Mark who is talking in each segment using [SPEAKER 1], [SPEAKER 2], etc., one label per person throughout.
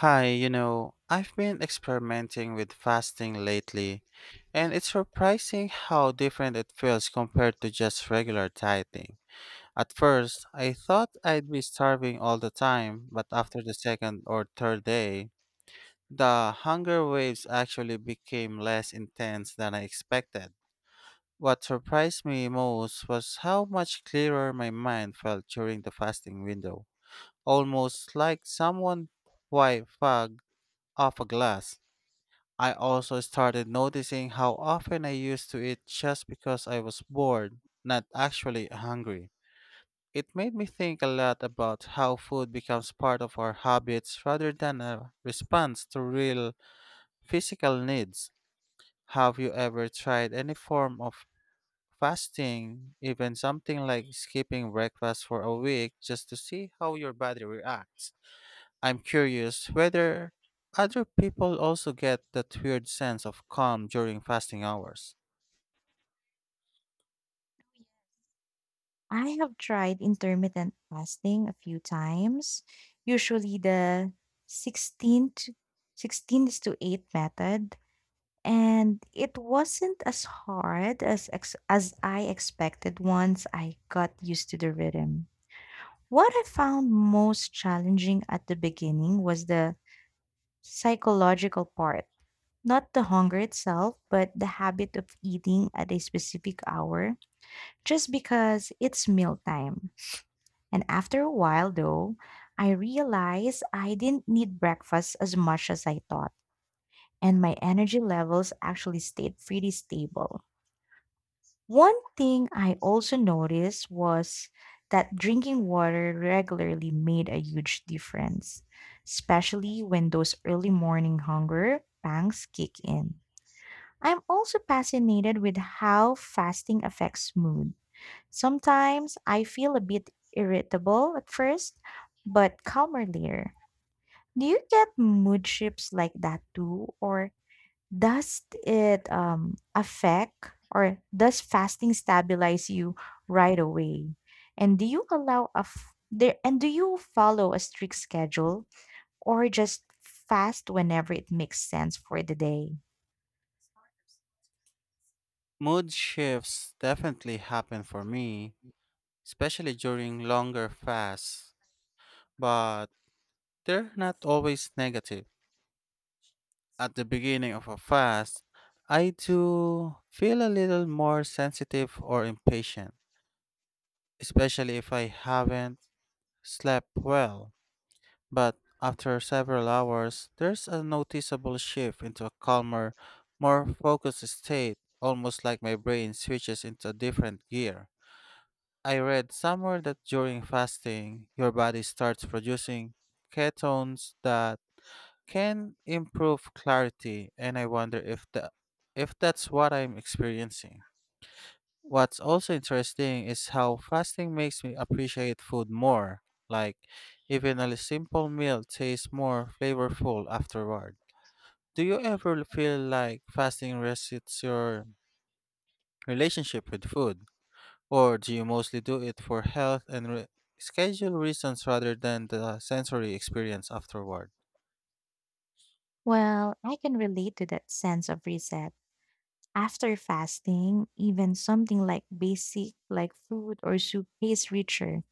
[SPEAKER 1] I've been experimenting with fasting lately, and it's surprising how different it feels compared to just regular dieting. At first, I thought I'd be starving all the time, but after the second or third day, the hunger waves actually became less intense than I expected. What surprised me most was how much clearer my mind felt during the fasting window, almost like someone white fog off a glass. I also started noticing how often I used to eat just because I was bored, not actually hungry. It made me think a lot about how food becomes part of our habits rather than a response to real physical needs. Have you ever tried any form of fasting, even something like skipping breakfast for a week just to see how your body reacts? I'm curious whether other people also get that weird sense of calm during fasting hours.
[SPEAKER 2] I have tried intermittent fasting a few times, usually the 16 to 16 is to 8 method, and it wasn't as hard as I expected once I got used to the rhythm. What I found most challenging at the beginning was the psychological part. Not the hunger itself, but the habit of eating at a specific hour just because it's mealtime. And after a while, though, I realized I didn't need breakfast as much as I thought, and my energy levels actually stayed pretty stable. One thing I also noticed was that drinking water regularly made a huge difference, especially when those early morning hunger pangs kick in. I'm also fascinated with how fasting affects mood. Sometimes I feel a bit irritable at first, but calmer later. Do you get mood shifts like that too, or does it affect or does fasting stabilize you right away? And do you allow a f- there and do you follow a strict schedule or just fast whenever it makes sense for the day?
[SPEAKER 1] Mood shifts definitely happen for me, especially during longer fasts, but they're not always negative. At the beginning of a fast, I do feel a little more sensitive or impatient, especially if I haven't slept well. But after several hours, there's a noticeable shift into a calmer, more focused state, almost like my brain switches into a different gear. I read somewhere that during fasting, your body starts producing ketones that can improve clarity, and I wonder if that's what I'm experiencing. What's also interesting is how fasting makes me appreciate food more. Like, even a simple meal tastes more flavorful afterward. Do you ever feel like fasting resets your relationship with food? Or do you mostly do it for health and schedule reasons rather than the sensory experience afterward?
[SPEAKER 2] Well, I can relate to that sense of reset. After fasting, even something like basic like food or soup tastes richer.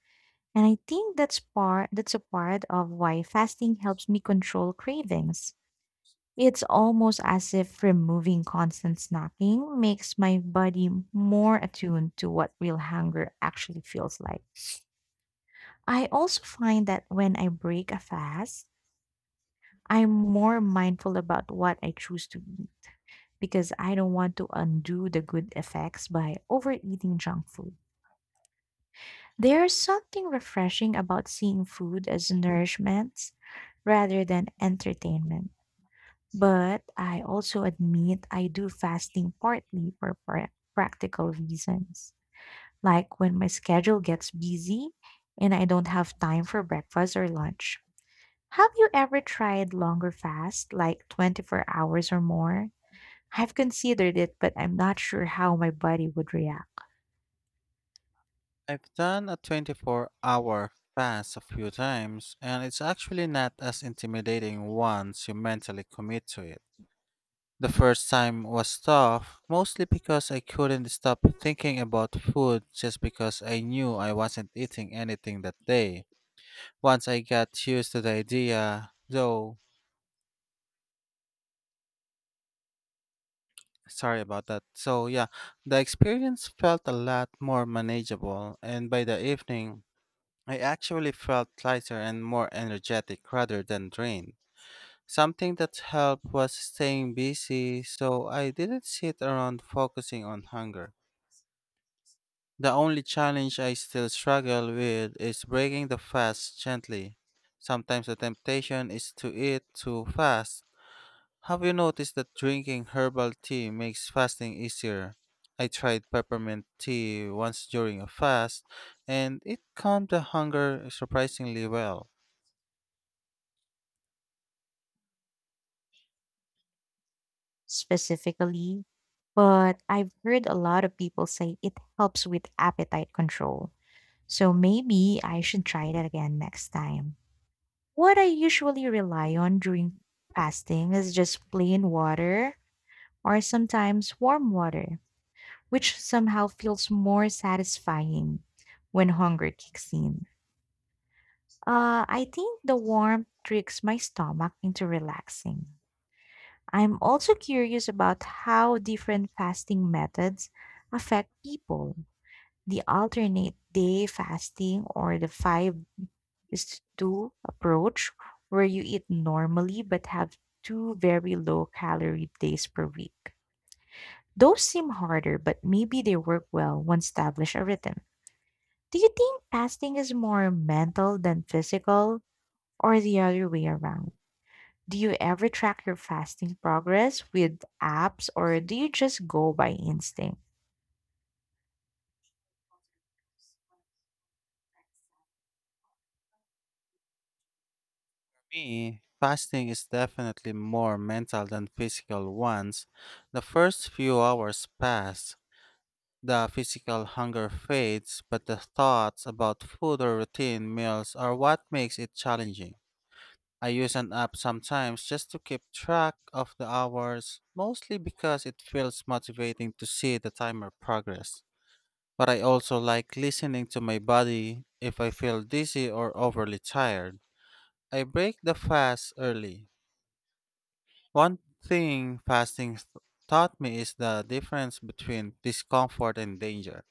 [SPEAKER 2] And I think that's a part of why fasting helps me control cravings. It's almost as if removing constant snacking makes my body more attuned to what real hunger actually feels like. I also find that when I break a fast, I'm more mindful about what I choose to eat because I don't want to undo the good effects by overeating junk food. There's something refreshing about seeing food as nourishment rather than entertainment. But I also admit I do fasting partly for practical reasons, like when my schedule gets busy and I don't have time for breakfast or lunch. Have you ever tried longer fast, like 24 hours or more? I've considered it, but I'm not sure how my body would react.
[SPEAKER 1] I've done a 24-hour fast a few times, and it's actually not as intimidating once you mentally commit to it. The first time was tough, mostly because I couldn't stop thinking about food just because I knew I wasn't eating anything that day. Once I got used to the idea, though, sorry about that. So, yeah, the experience felt a lot more manageable, and by the evening, I actually felt lighter and more energetic rather than drained. Something that helped was staying busy, so I didn't sit around focusing on hunger. The only challenge I still struggle with is breaking the fast gently. Sometimes the temptation is to eat too fast. Have you noticed that drinking herbal tea makes fasting easier? I tried peppermint tea once during a fast, and it calmed the hunger surprisingly well.
[SPEAKER 2] Specifically, but I've heard a lot of people say it helps with appetite control. So maybe I should try that again next time. What I usually rely on during fasting is just plain water or sometimes warm water, which somehow feels more satisfying when hunger kicks in. I think the warmth tricks my stomach into relaxing. I'm also curious about how different fasting methods affect people. The alternate day fasting or the 5 is 2 approach, where you eat normally but have two very low calorie days per week. Those seem harder, but maybe they work well once established a rhythm. Do you think fasting is more mental than physical, or the other way around? Do you ever track your fasting progress with apps or do you just go by instinct?
[SPEAKER 1] For me, fasting is definitely more mental than physical ones. The first few hours pass, the physical hunger fades, but the thoughts about food or routine meals are what makes it challenging. I use an app sometimes just to keep track of the hours, mostly because it feels motivating to see the timer progress. But I also like listening to my body. If I feel dizzy or overly tired, I break the fast early. One thing fasting taught me is the difference between discomfort and danger.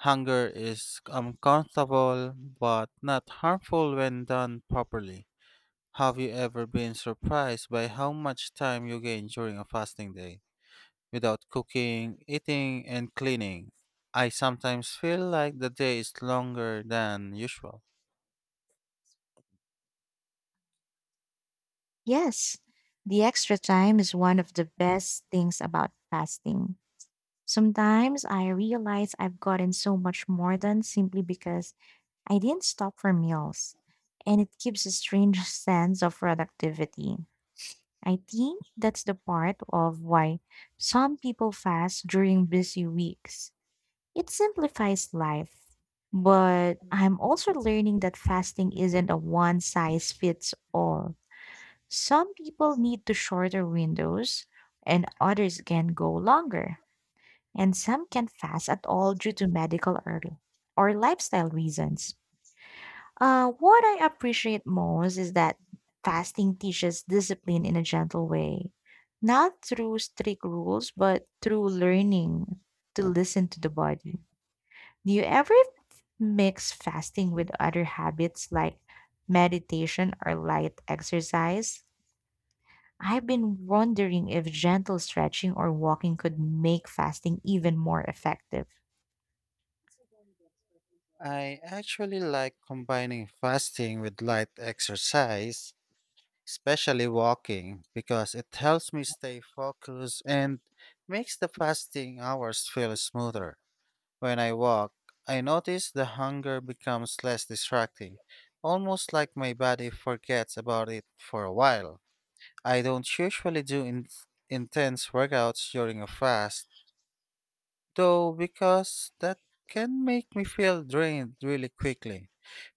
[SPEAKER 1] Hunger is uncomfortable but not harmful when done properly. Have you ever been surprised by how much time you gain during a fasting day? Without cooking, eating, and cleaning, I sometimes feel like the day is longer than usual.
[SPEAKER 2] Yes, the extra time is one of the best things about fasting. Sometimes I realize I've gotten so much more done simply because I didn't stop for meals, and it gives a strange sense of productivity. I think that's the part of why some people fast during busy weeks. It simplifies life, but I'm also learning that fasting isn't a one size fits all. Some people need to shorter windows, and others can go longer, and some can fast at all due to medical or lifestyle reasons. What I appreciate most is that fasting teaches discipline in a gentle way, not through strict rules, but through learning to listen to the body. Do you ever mix fasting with other habits like meditation or light exercise? I've been wondering if gentle stretching or walking could make fasting even more effective.
[SPEAKER 1] I actually like combining fasting with light exercise, especially walking, because it helps me stay focused and makes the fasting hours feel smoother. When I walk, I notice the hunger becomes less distracting, almost like my body forgets about it for a while. I don't usually do intense workouts during a fast, though, because that can make me feel drained really quickly.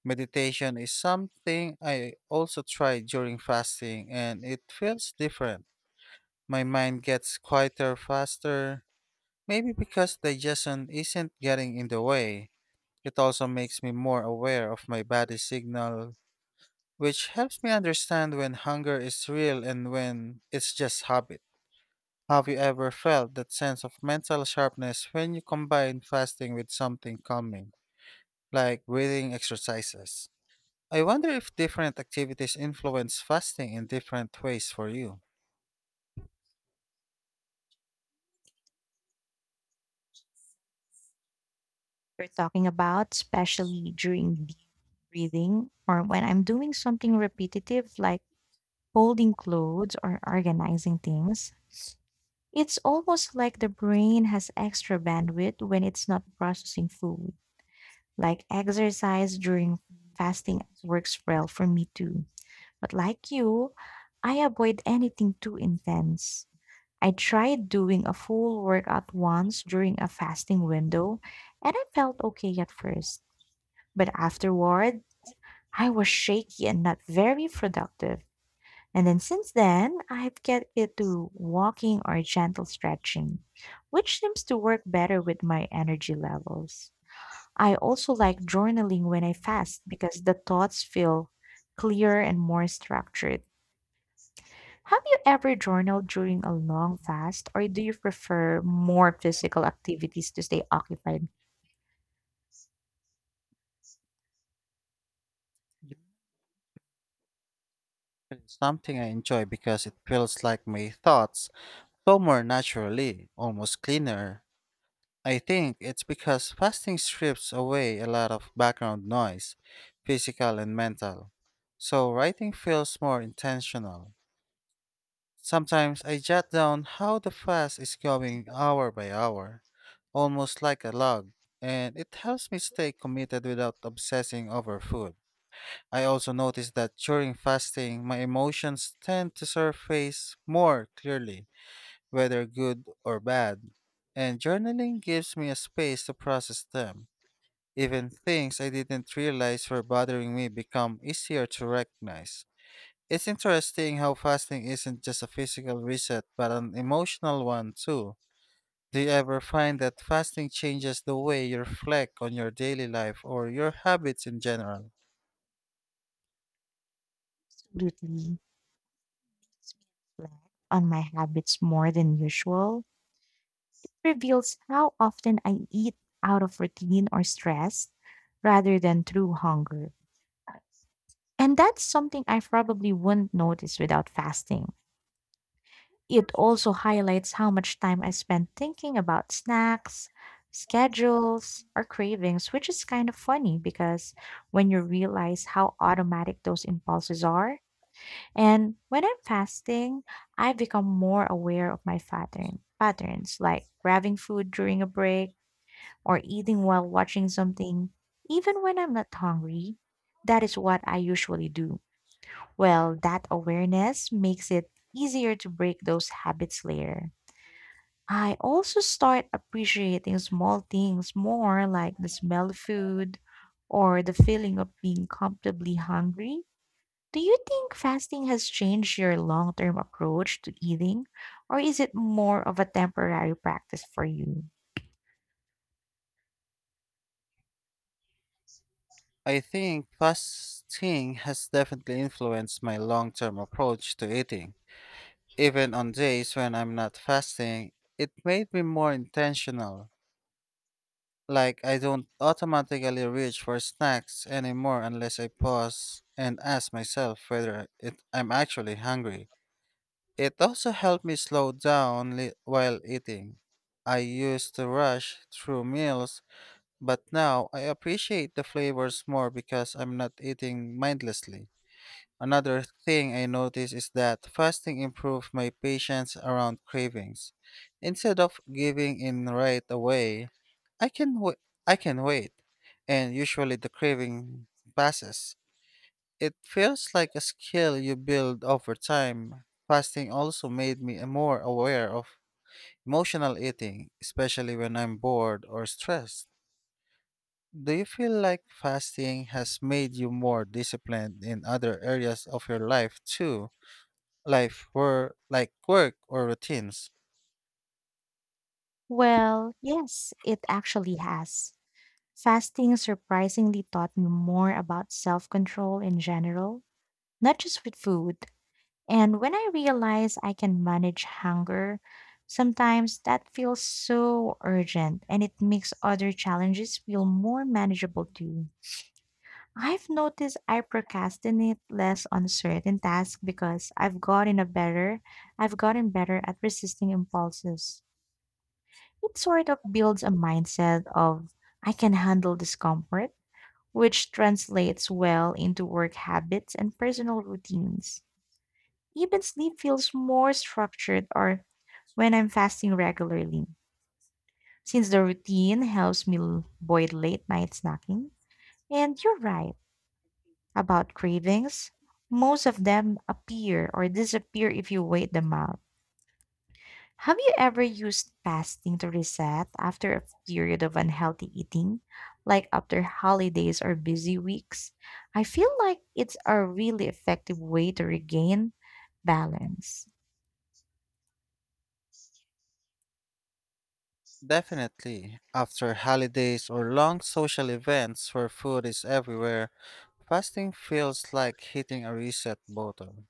[SPEAKER 1] Meditation is something I also try during fasting, and it feels different. My mind gets quieter faster, maybe because digestion isn't getting in the way. It also makes me more aware of my body signal, which helps me understand when hunger is real and when it's just habit. Have you ever felt that sense of mental sharpness when you combine fasting with something calming, like breathing exercises? I wonder if different activities influence fasting in different ways for you.
[SPEAKER 2] We're talking about, especially during deep breathing or when I'm doing something repetitive like folding clothes or organizing things. It's almost like the brain has extra bandwidth when it's not processing food. Like exercise during fasting works well for me too. But like you, I avoid anything too intense. I tried doing a full workout once during a fasting window, and I felt okay at first. But afterward, I was shaky and not very productive. And then since then, I've get it to walking or gentle stretching, which seems to work better with my energy levels. I also like journaling when I fast because the thoughts feel clearer and more structured. Have you ever journaled during a long fast, or do you prefer more physical activities to stay occupied?
[SPEAKER 1] Journaling is something I enjoy because it feels like my thoughts flow more naturally, almost cleaner. I think it's because fasting strips away a lot of background noise, physical and mental, so writing feels more intentional. Sometimes I jot down how the fast is going hour by hour, almost like a log, and it helps me stay committed without obsessing over food. I also notice that during fasting, my emotions tend to surface more clearly, whether good or bad, and journaling gives me a space to process them. Even things I didn't realize were bothering me become easier to recognize. It's interesting how fasting isn't just a physical reset but an emotional one too. Do you ever find that fasting changes the way you reflect on your daily life or your habits in general?
[SPEAKER 2] Absolutely. Reflect on my habits more than usual reveals how often I eat out of routine or stress rather than through hunger. And that's something I probably wouldn't notice without fasting. It also highlights how much time I spend thinking about snacks, schedules, or cravings, which is kind of funny because when you realize how automatic those impulses are, and when I'm fasting, I become more aware of my patterns like grabbing food during a break or eating while watching something, even when I'm not hungry. That is what I usually do. Well, that awareness makes it easier to break those habits later. I also start appreciating small things more, like the smell of food or the feeling of being comfortably hungry. Do you think fasting has changed your long term approach to eating, or is it more of a temporary practice for you?
[SPEAKER 1] I think fasting has definitely influenced my long term approach to eating. Even on days when I'm not fasting, it made me more intentional. Like, I don't automatically reach for snacks anymore unless I pause and ask myself whether I'm actually hungry. It also helped me slow down while eating. I used to rush through meals, but now I appreciate the flavors more because I'm not eating mindlessly. Another thing I noticed is that fasting improved my patience around cravings. Instead of giving in right away, I can wait. I can wait, and usually the craving passes. It feels like a skill you build over time. Fasting also made me more aware of emotional eating, especially when I'm bored or stressed. Do you feel like fasting has made you more disciplined in other areas of your life too? Life were like work or routines.
[SPEAKER 2] Well, yes, it actually has. Fasting surprisingly taught me more about self control in general, not just with food. And when I realize I can manage hunger, sometimes that feels so urgent and it makes other challenges feel more manageable too. I've noticed I procrastinate less on certain tasks because I've gotten better at resisting impulses. It sort of builds a mindset of I can handle discomfort, which translates well into work habits and personal routines. Even sleep feels more structured or when I'm fasting regularly, since the routine helps me avoid late night snacking. And you're right about cravings. Most of them appear or disappear if you wait them out. Have you ever used fasting to reset after a period of unhealthy eating, like after holidays or busy weeks? I feel like it's a really effective way to regain balance.
[SPEAKER 1] Definitely. After holidays or long social events where food is everywhere, fasting feels like hitting a reset button.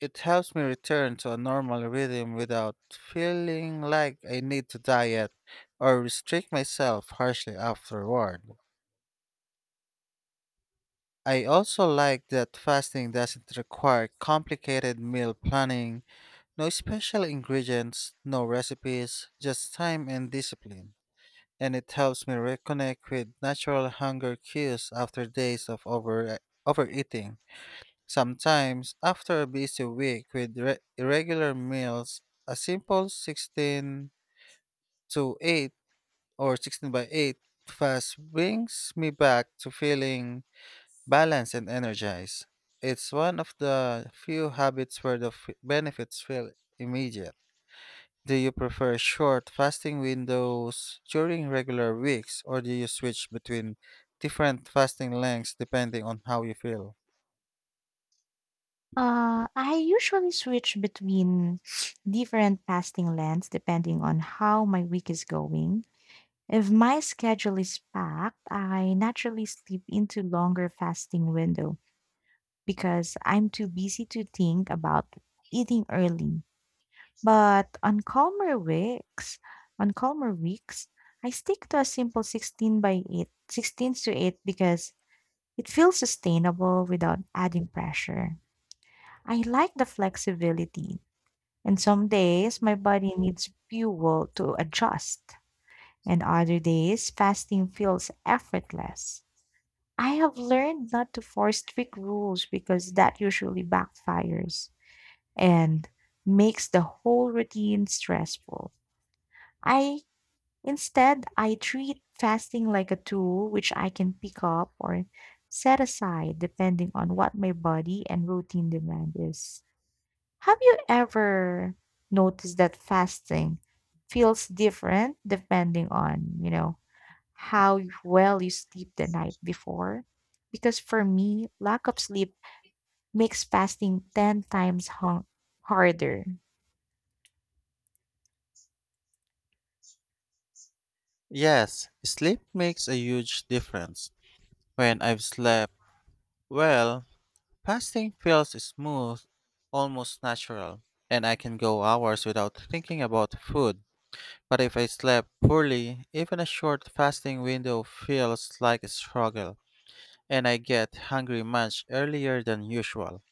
[SPEAKER 1] It helps me return to a normal rhythm without feeling like I need to diet or restrict myself harshly afterward. I also like that fasting doesn't require complicated meal planning. No special ingredients, no recipes, just time and discipline. And it helps me reconnect with natural hunger cues after days of overeating. Sometimes, after a busy week with irregular meals, a simple 16 to 8 or 16 by 8 fast brings me back to feeling balanced and energized. It's one of the few habits where the benefits feel immediate. Do you prefer short fasting windows during regular weeks, or do you switch between different fasting lengths depending on how you feel?
[SPEAKER 2] I usually switch between different fasting lengths depending on how my week is going. If my schedule is packed, I naturally slip into longer fasting window because I'm too busy to think about eating early. But on calmer weeks, I stick to a simple 16 by 8, 16 to 8 because it feels sustainable without adding pressure. I like the flexibility. And some days my body needs fuel to adjust, and other days fasting feels effortless. I have learned not to force strict rules because that usually backfires and makes the whole routine stressful. I Instead I treat fasting like a tool which I can pick up or set aside depending on what my body and routine demand is. Have you ever noticed that fasting feels different depending on, you know, how well you sleep the night before? Because for me, lack of sleep makes fasting 10 times harder.
[SPEAKER 1] Yes, sleep makes a huge difference. When I've slept well, fasting feels smooth, almost natural, and I can go hours without thinking about food. But if I slept poorly, even a short fasting window feels like a struggle, and I get hungry much earlier than usual.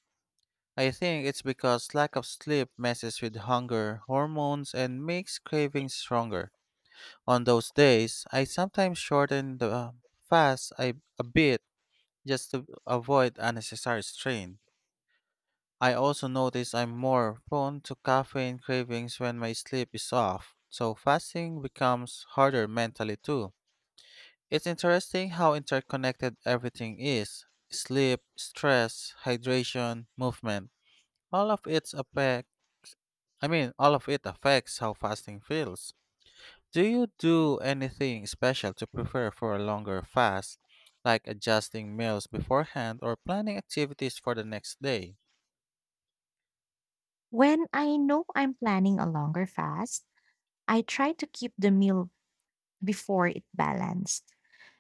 [SPEAKER 1] I think it's because lack of sleep messes with hunger hormones and makes cravings stronger. On those days, I sometimes shorten the fast a bit just to avoid unnecessary strain. I also notice I'm more prone to caffeine cravings when my sleep is off, so fasting becomes harder mentally too. It's interesting how interconnected everything is: sleep, stress, hydration, movement. All of it affects I mean, all of it affects how fasting feels. Do you do anything special to prepare for a longer fast, like adjusting meals beforehand or planning activities for the next day?
[SPEAKER 2] When I know I'm planning a longer fast, I try to keep the meal before it balanced.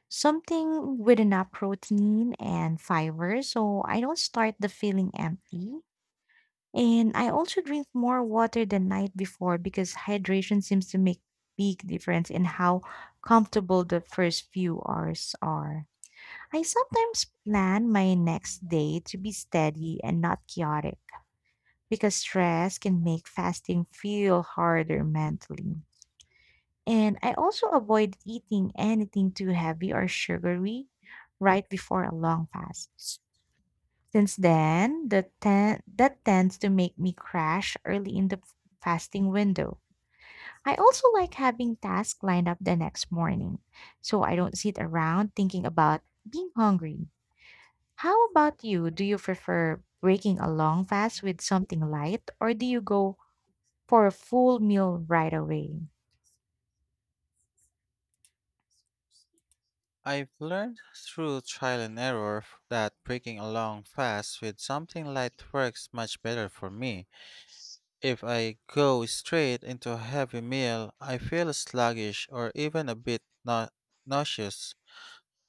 [SPEAKER 2] Something with enough protein and fiber so I don't start the feeling empty. And I also drink more water the night before because hydration seems to make big difference in how comfortable the first few hours are. I sometimes plan my next day to be steady and not chaotic because stress can make fasting feel harder mentally. And I also avoid eating anything too heavy or sugary right before a long fast. Since then, the that tends to make me crash early in the fasting window. I also like having tasks lined up the next morning, so I don't sit around thinking about being hungry. How about you? Do you prefer breaking a long fast with something light, or do you go for a full meal right away?
[SPEAKER 1] I've learned through trial and error that breaking a long fast with something light works much better for me. If I go straight into a heavy meal, I feel sluggish or even a bit nauseous,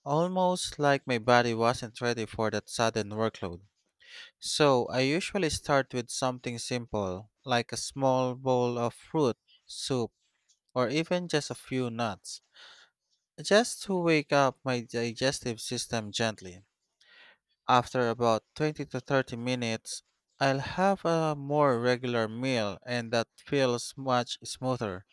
[SPEAKER 1] almost like my body wasn't ready for that sudden workload. So I usually start with something simple, like a small bowl of fruit, soup, or even just a few nuts, just to wake up my digestive system gently. After about 20 to 30 minutes, I'll have a more regular meal, and that feels much smoother.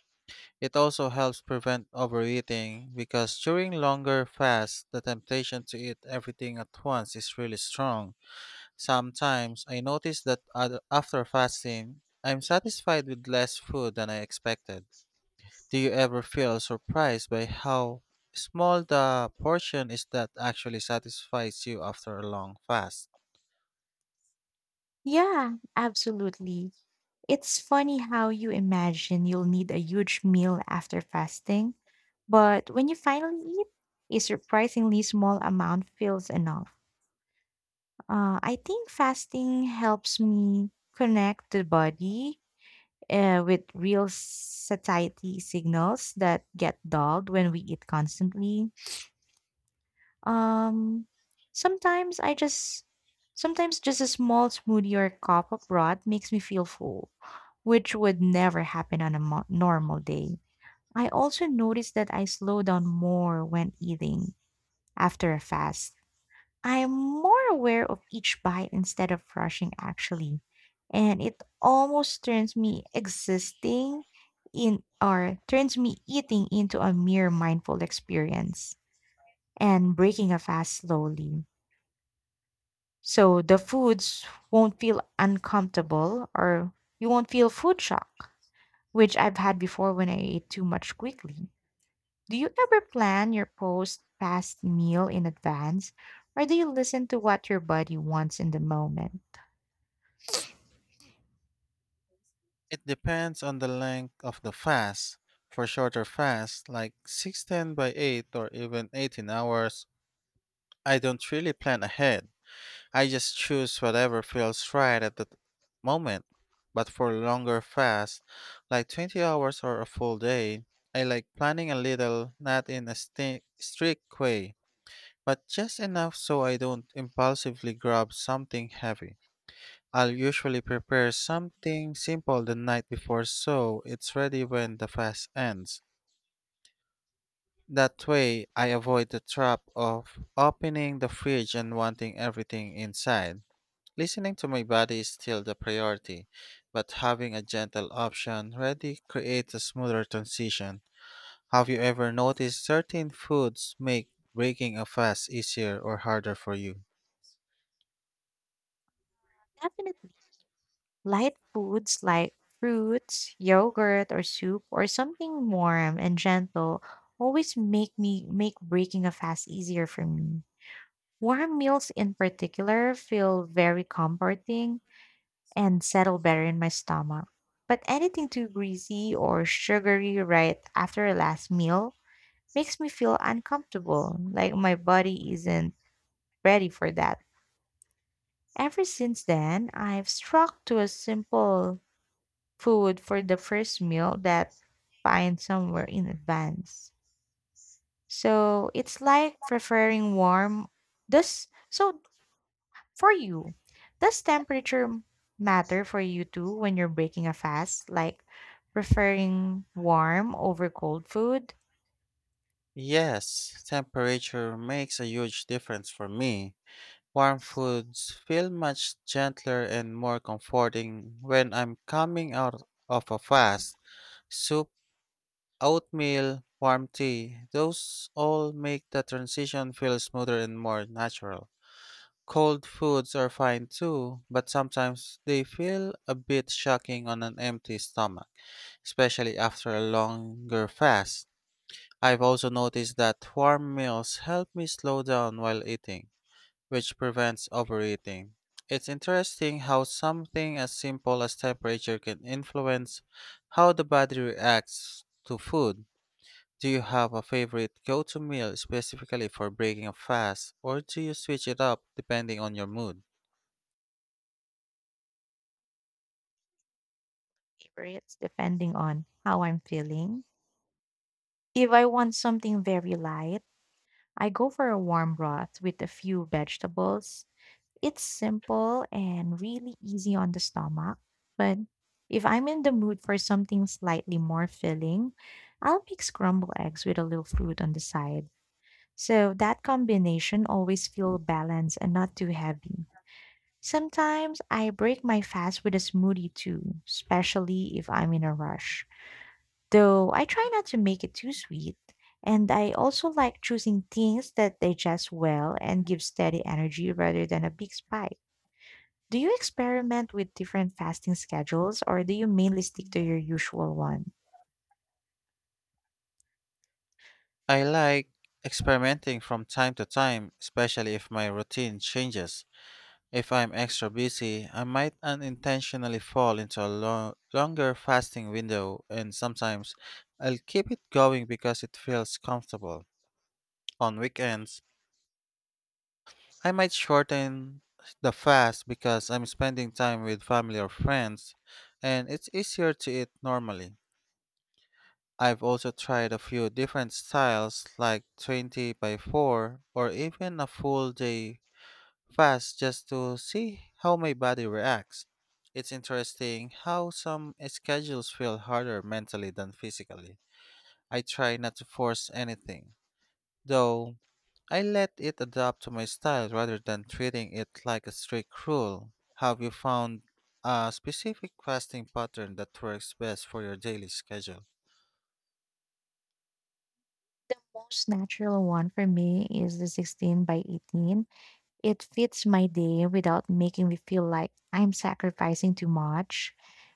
[SPEAKER 1] It also helps prevent overeating because during longer fasts, the temptation to eat everything at once is really strong. Sometimes I notice that after fasting, I'm satisfied with less food than I expected. Do you ever feel surprised by how small the portion is that actually satisfies you after a long fast?
[SPEAKER 2] Yeah, absolutely. It's funny how you imagine you'll need a huge meal after fasting, but when you finally eat, a surprisingly small amount feels enough. I think fasting helps me connect the body with real satiety signals that get dulled when we eat constantly. Um, sometimes I just sometimes just a small smoothie or cup of broth makes me feel full, which would never happen on a normal day. I also notice that I slow down more when eating after a fast. I am more aware of each bite instead of rushing actually, and it almost turns me existing in or turns me eating into a mere mindful experience and breaking a fast slowly. So the foods won't feel uncomfortable or you won't feel food shock, which I've had before when I ate too much quickly. Do you ever plan your post fast meal in advance or do you listen to what your body wants in the moment?
[SPEAKER 1] It depends on the length of the fast. For shorter fasts, like 16 by 8 or even 18 hours, I don't really plan ahead. I just choose whatever feels right at the moment. But for longer fasts, like 20 hours or a full day, I like planning a little, not in a strict way, but just enough so I don't impulsively grab something heavy. I'll usually prepare something simple the night before so it's ready when the fast ends. That way, I avoid the trap of opening the fridge and wanting everything inside. Listening to my body is still the priority, but having a gentle option ready creates a smoother transition. Have you ever noticed certain foods make breaking a fast easier or harder for you?
[SPEAKER 2] Definitely. Light foods like fruits, yogurt or soup or something warm and gentle always make breaking a fast easier for me. Warm meals in particular feel very comforting and settle better in my stomach. But anything too greasy or sugary right after a last meal makes me feel uncomfortable, like my body isn't ready for that. Ever since then, I've struck to a simple food for the first meal that find somewhere in advance. So it's like preferring warm. Thus, so for you, does temperature matter for you too when you're breaking a fast, like preferring warm over cold food?
[SPEAKER 1] Yes, temperature makes a huge difference for me. Warm foods feel much gentler and more comforting when I'm coming out of a fast. Soup, oatmeal, warm tea, those all make the transition feel smoother and more natural. Cold foods are fine too, but sometimes they feel a bit shocking on an empty stomach, especially after a longer fast. I've also noticed that warm meals help me slow down while eating, which prevents overeating. It's interesting how something as simple as temperature can influence how the body reacts to food. Do you have a favorite go to meal specifically for breaking a fast, or do you switch it up depending on your mood?
[SPEAKER 2] Favorites depending on how I'm feeling. If I want something very light, I go for a warm broth with a few vegetables. It's simple and really easy on the stomach, but if I'm in the mood for something slightly more filling, I'll mix scrambled eggs with a little fruit on the side. So that combination always feel balanced and not too heavy. Sometimes I break my fast with a smoothie too, especially if I'm in a rush. Though I try not to make it too sweet. And I also like choosing things that digest well and give steady energy rather than a big spike. Do you experiment with different fasting schedules or do you mainly stick to your usual one?
[SPEAKER 1] I like experimenting from time to time, especially if my routine changes. If I'm extra busy, I might unintentionally fall into a longer fasting window, and sometimes I'll keep it going because it feels comfortable. On weekends, I might shorten the fast because I'm spending time with family or friends and it's easier to eat normally. I've also tried a few different styles, like 20 by 4 or even a full day fast, just to see how my body reacts. It's interesting how some schedules feel harder mentally than physically. I try not to force anything, though. I let it adapt to my style rather than treating it like a strict rule. Have you found a specific fasting pattern that works best for your daily schedule?
[SPEAKER 2] Most natural one for me is the 16 by 18. It fits my day without making me feel like I'm sacrificing too much.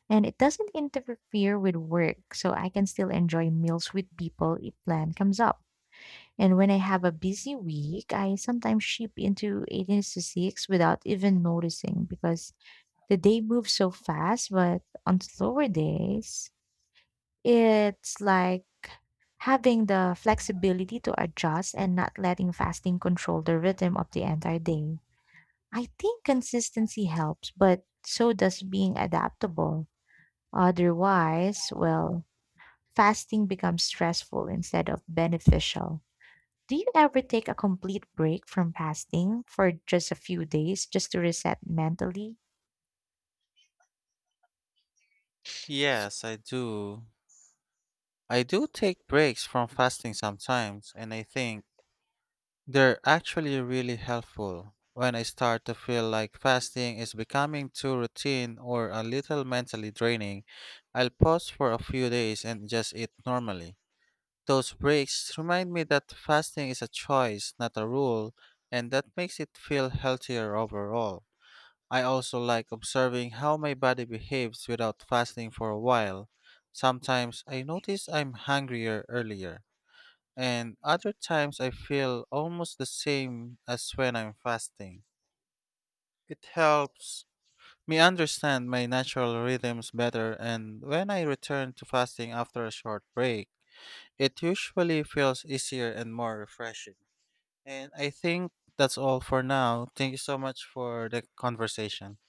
[SPEAKER 2] And it doesn't interfere with work, so I can still enjoy meals with people if plan comes up. And when I have a busy week, I sometimes ship into 18 to 6 without even noticing because the day moves so fast. But on slower days, it's like having the flexibility to adjust and not letting fasting control the rhythm of the entire day. I think consistency helps, but so does being adaptable. Otherwise, well, fasting becomes stressful instead of beneficial. Do you ever take a complete break from fasting for just a few days just to reset mentally?
[SPEAKER 1] Yes, I do. I do take breaks from fasting sometimes, and I think they're actually really helpful. When I start to feel like fasting is becoming too routine or a little mentally draining, I'll pause for a few days and just eat normally. Those breaks remind me that fasting is a choice, not a rule, and that makes it feel healthier overall. I also like observing how my body behaves without fasting for a while. Sometimes I notice I'm hungrier earlier, and other times I feel almost the same as when I'm fasting. It helps me understand my natural rhythms better, and when I return to fasting after a short break, it usually feels easier and more refreshing. And I think that's all for now. Thank you so much for the conversation.